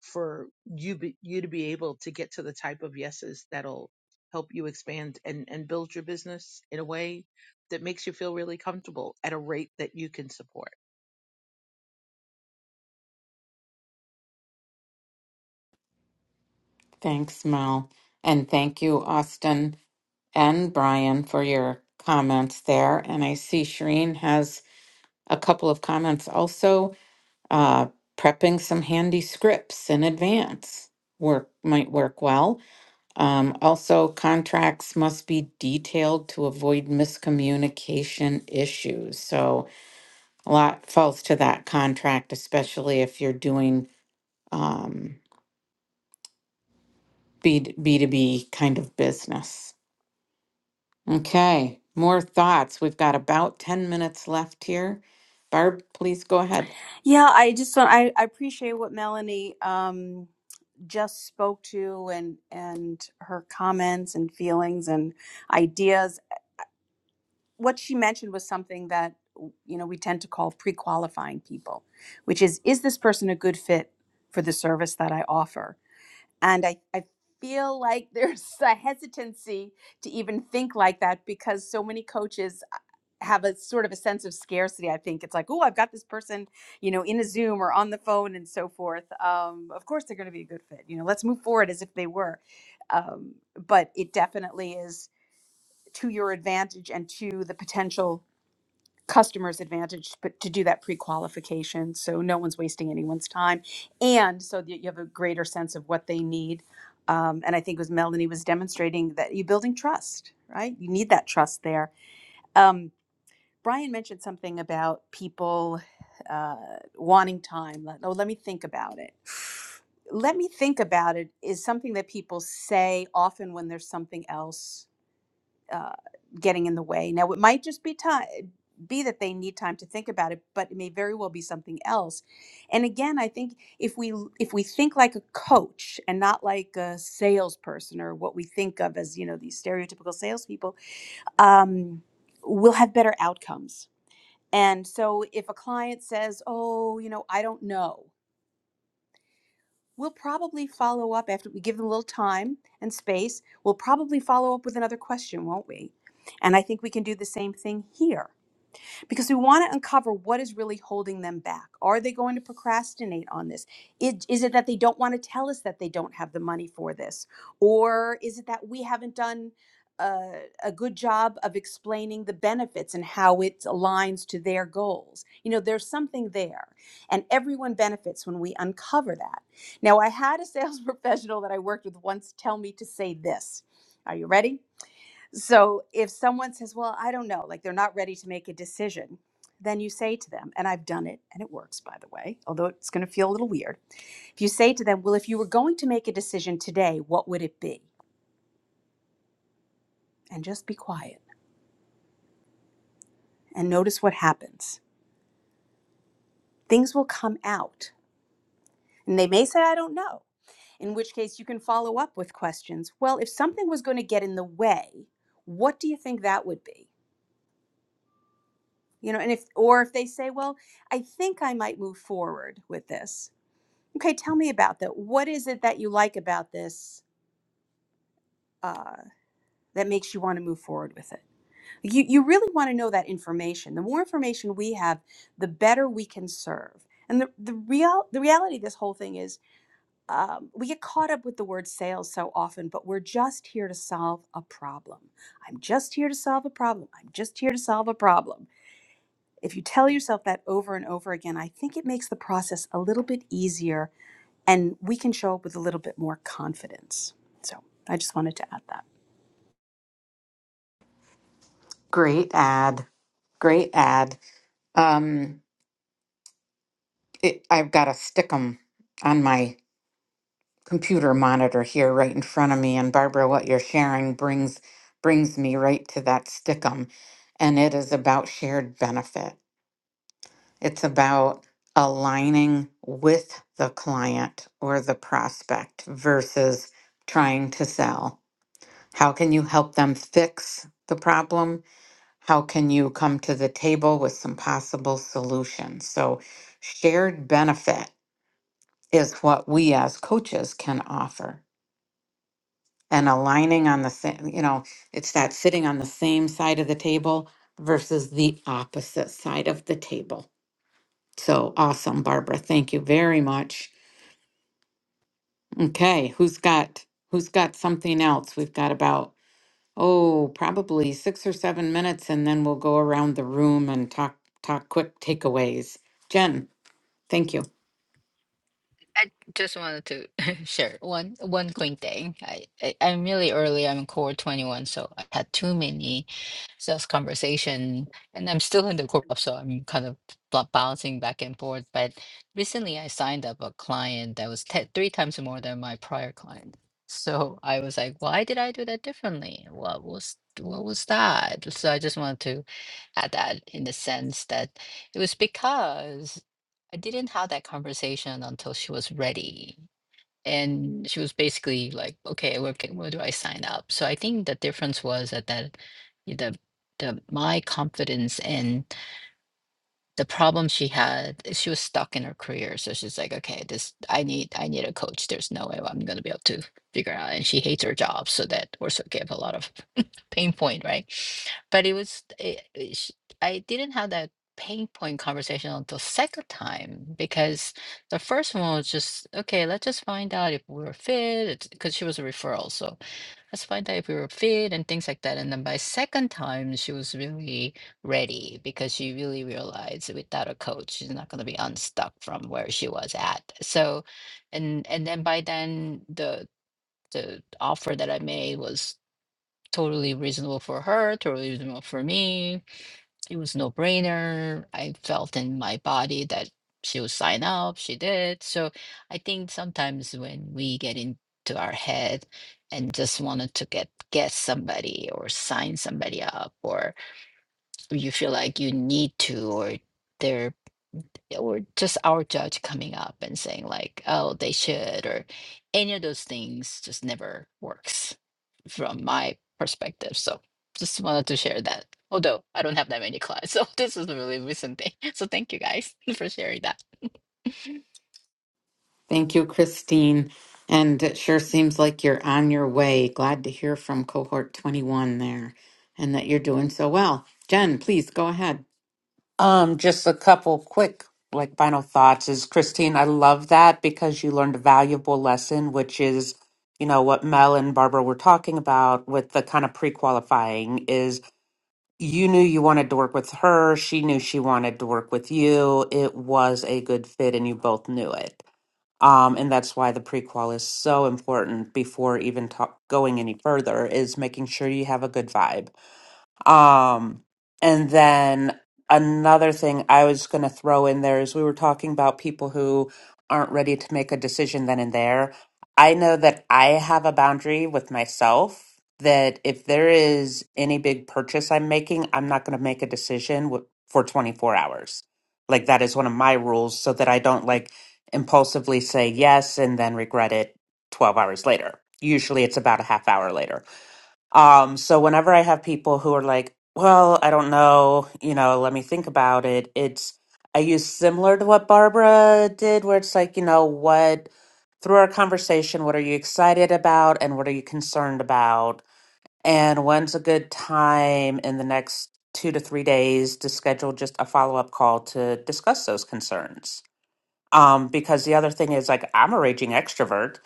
Speaker 7: for you be, you to be able to get to the type of yeses that'll help you expand and and build your business in a way that makes you feel really comfortable at a rate that you can support.
Speaker 1: Thanks, Mel. And thank you, Austin and Brian, for your comments there. And I see Shireen has a couple of comments also, uh, prepping some handy scripts in advance. Work might work well. Um, also, contracts must be detailed to avoid miscommunication issues. So, a lot falls to that contract, especially if you're doing um, B to B kind of business. Okay, more thoughts. We've got about 10 minutes left here. Barb, please go ahead.
Speaker 5: Yeah, I just want I, I appreciate what Melanie um just spoke to and and her comments and feelings and ideas what she mentioned was something that you know we tend to call pre-qualifying people which is is this person a good fit for the service that i offer and i, I feel like there's a hesitancy to even think like that because so many coaches uh, have a sort of a sense of scarcity i think it's like oh i've got this person you know in a zoom or on the phone and so forth um, of course they're going to be a good fit you know let's move forward as if they were um, but it definitely is to your advantage and to the potential customer's advantage but to do that pre-qualification so no one's wasting anyone's time and so that you have a greater sense of what they need um, and i think it was melanie was demonstrating that you're building trust right you need that trust there um, brian mentioned something about people uh, wanting time Like, oh let me think about it let me think about it is something that people say often when there's something else uh, getting in the way. Now, it might just be time be that they need time to think about it, but it may very well be something else. And again, I think if we if we think like a coach and not like a salesperson or what we think of as you know these stereotypical salespeople, um, we'll have better outcomes. And so, if a client says, "Oh, you know, I don't know," We'll probably follow up after we give them a little time and space. We'll probably follow up with another question, won't we? And I think we can do the same thing here because we want to uncover what is really holding them back. Are they going to procrastinate on this? It, is it that they don't want to tell us that they don't have the money for this? Or is it that we haven't done a, a good job of explaining the benefits and how it aligns to their goals? You know, there's something there, and everyone benefits when we uncover that. Now, I had a sales professional that I worked with once tell me to say this. Are you ready? So if someone says, Well, I don't know, like they're not ready to make a decision, then you say to them, and I've done it and it works, by the way, although it's going to feel a little weird. If you say to them, Well, if you were going to make a decision today, what would it be? And just be quiet and notice what happens. Things will come out. And they may say, I don't know, in which case you can follow up with questions. Well, if something was going to get in the way, what do you think that would be? You know, and if, or if they say, Well, I think I might move forward with this Okay, tell me about that. What is it that you like about this uh, that makes you want to move forward with it? You, you really want to know that information. The more information we have, the better we can serve. And the, the, real, the reality of this whole thing is um, we get caught up with the word sales so often, but we're just here to solve a problem. I'm just here to solve a problem. I'm just here to solve a problem. If you tell yourself that over and over again, I think it makes the process a little bit easier and we can show up with a little bit more confidence. So I just wanted to add that.
Speaker 1: Great ad. Great ad. Um, it, I've got a stickum on my computer monitor here right in front of me and Barbara what you're sharing brings brings me right to that stickum and it is about shared benefit. It's about aligning with the client or the prospect versus trying to sell. How can you help them fix the problem? How can you come to the table with some possible solutions? So shared benefit is what we as coaches can offer and aligning on the same, you know, it's that sitting on the same side of the table versus the opposite side of the table. So awesome, Barbara. Thank you very much. Okay, who's got who's got something else? We've got about oh, probably 6 or 7 minutes and then we'll go around the room and talk talk quick takeaways. Jen, thank you.
Speaker 3: I just wanted to share one one quick thing. I, I I'm really early. I'm in core 21, so I had too many sales conversation, and I'm still in the core, so I'm kind of bu- bouncing back and forth. But recently, I signed up a client that was te three times more than my prior client. So I was like, why did I do that differently? What was what was that? So I just wanted to add that in the sense that it was because. I didn't have that conversation until she was ready. And she was basically like, okay, where, can, where do I sign up? So I think the difference was that, that the, the my confidence in the problem she had eh, she was stuck in her career so she's like okay this i need i need a coach there's no way i'm going to be able to figure out and she hates her job so that also gave a lot of pain point right but it was it, it sh- i didn't have that pain point conversation until second time because the first one was just okay let's just find out if we're fit because she was a referral so Let's find out if we were fit and things like that. And then by second time, she was really ready because she really realized without a coach, she's not going to be unstuck from where she was at. So, and and then by then, the the offer that I made was totally reasonable for her, totally reasonable for me. It was no brainer. I felt in my body that she would sign up. She did. So I think sometimes when we get into our head and just wanted to get get somebody or sign somebody up, or you feel like you need to, or they're yeah, or just our judge coming up and saying like oh they should or any of those things just never works from my perspective so just wanted to share that although i don't have that many clients so this is a really recent thing so thank you guys for sharing that
Speaker 1: Thank you, Christine. And it sure seems like you're on your way. Glad to hear from cohort 21 there and that you're doing so well. Jen, please go ahead.
Speaker 2: Um, just a couple quick like final thoughts is Christine, I love that because you learned a valuable lesson, which is you know what Mel and Barbara were talking about with the kind of pre-qualifying is you knew you wanted to work with her. She knew she wanted to work with you. It was a good fit, and you both knew it. Um, and that's why the prequel is so important before even talk, going any further, is making sure you have a good vibe. Um, and then another thing I was going to throw in there is we were talking about people who aren't ready to make a decision then and there. I know that I have a boundary with myself that if there is any big purchase I'm making, I'm not going to make a decision wi- for 24 hours. Like that is one of my rules so that I don't like impulsively say yes and then regret it 12 hours later. Usually it's about a half hour later. Um, so whenever I have people who are like, well, I don't know, you know, let me think about it, it's, I use similar to what Barbara did, where it's like, you know, what, through our conversation, what are you excited about and what are you concerned about? And when's a good time in the next two to three days to schedule just a follow up call to discuss those concerns? Um, because the other thing is like I'm a raging extrovert,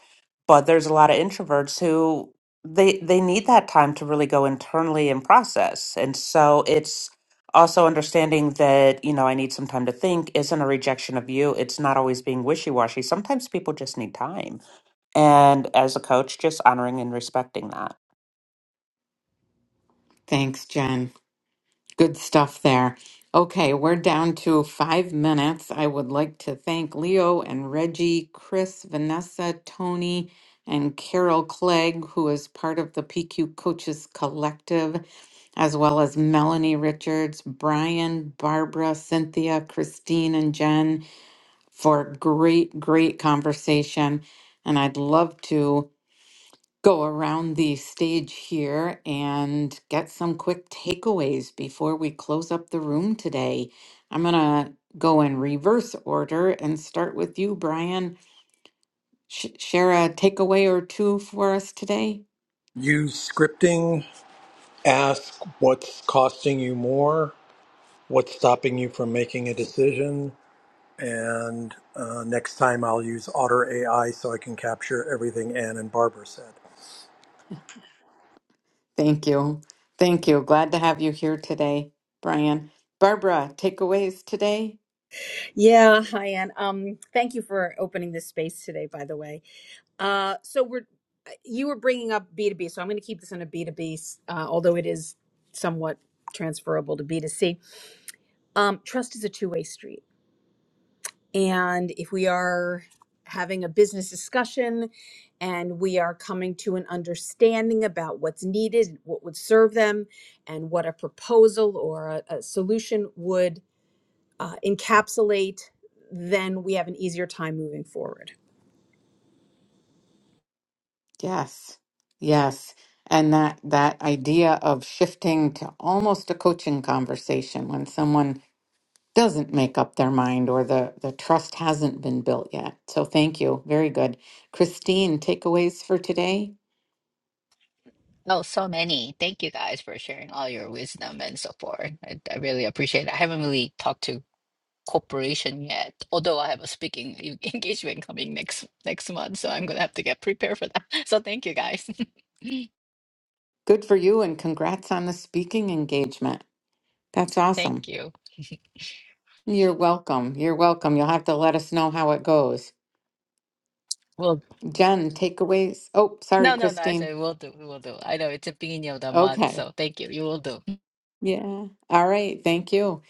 Speaker 2: but there's a lot of introverts who they they need that time to really go internally and process. And so it's also understanding that, you know, I need some time to think isn't a rejection of you. It's not always being wishy-washy. Sometimes people just need time. And as a coach, just honoring and respecting that.
Speaker 1: Thanks, Jen. Good stuff there. Okay, we're down to five minutes. I would like to thank Leo and Reggie, Chris, Vanessa, Tony, and Carol Clegg, who is part of the PQ Coaches Collective, as well as Melanie Richards, Brian, Barbara, Cynthia, Christine, and Jen for great, great conversation. And I'd love to go around the stage here and get some quick takeaways before we close up the room today. I'm going to go in reverse order and start with you, Brian. Sh- share a takeaway or two for us today.
Speaker 6: Use scripting, ask what's costing you more, what's stopping you from making a decision, And uh, next time I'll use Otter AI so I can capture everything Ann and Barbara said.
Speaker 1: Thank you. Thank you. Glad to have you here today, Brian. Barbara, takeaways today?
Speaker 5: Yeah, hi Anne. Um, thank you for opening this space today, by the way. Uh, so we're uh, you were bringing up B two B, so I'm going to keep this in a B two B, uh, although it is somewhat transferable to B two C. Um, trust is a two way street. And if we are having a business discussion and we are coming to an understanding about what's needed, what would serve them, and what a proposal or a, a solution would uh, encapsulate, then we have an easier time moving forward.
Speaker 1: Yes. Yes. And that that idea of shifting to almost a coaching conversation when someone doesn't make up their mind or the the trust hasn't been built yet. So thank you. Very good. Christine, takeaways for today?
Speaker 3: oh so many thank you guys for sharing all your wisdom and so forth i, I really appreciate it i haven't really talked to corporation yet. Although I have a speaking e- engagement coming next next month, so I'm gonna have to get prepared for that. So thank you guys.
Speaker 1: Good for you and congrats on the speaking engagement. That's
Speaker 3: thank
Speaker 1: awesome.
Speaker 3: you.
Speaker 1: You're welcome. You're welcome. You'll have to let us know how it goes.
Speaker 3: Well,
Speaker 1: Jen, takeaways. Oh, sorry,
Speaker 3: no, no, no. I
Speaker 1: Christine.
Speaker 3: said we'll do. We will do. I know it's the beginning of the month,
Speaker 1: Okay.
Speaker 3: so thank you. You will do.
Speaker 1: Yeah. All right. Thank you.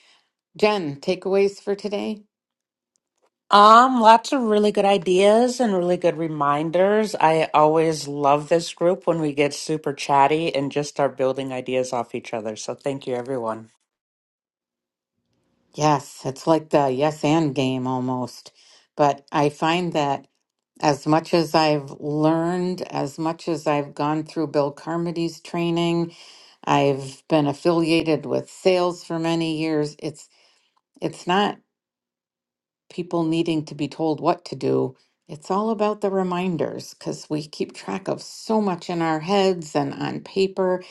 Speaker 1: Jen, takeaways for today?
Speaker 2: Um, lots of really good ideas and really good reminders. I always love this group when we get super chatty and just start building ideas off each other. So thank you, everyone.
Speaker 1: Yes. It's like the yes and game almost. But I find that as much as I've learned, as much as I've gone through Bill Carmody's training, I've been affiliated with sales for many years. It's it's not people needing to be told what to do, it's all about the reminders because we keep track of so much in our heads and on paper.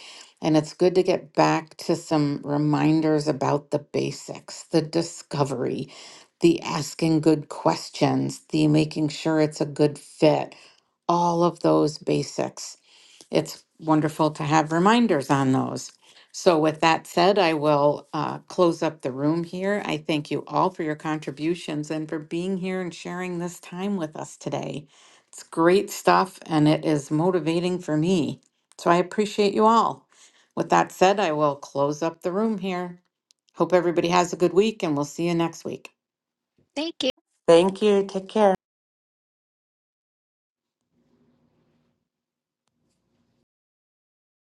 Speaker 1: And it's good to get back to some reminders about the basics, the discovery, the asking good questions, the making sure it's a good fit, all of those basics it's wonderful to have reminders on those. So, with that said, I will uh, close up the room here. I thank you all for your contributions and for being here and sharing this time with us today. It's great stuff and it is motivating for me. So, I appreciate you all. With that said, I will close up the room here. Hope everybody has a good week and we'll see you next week.
Speaker 3: Thank you.
Speaker 2: Thank you. Take care.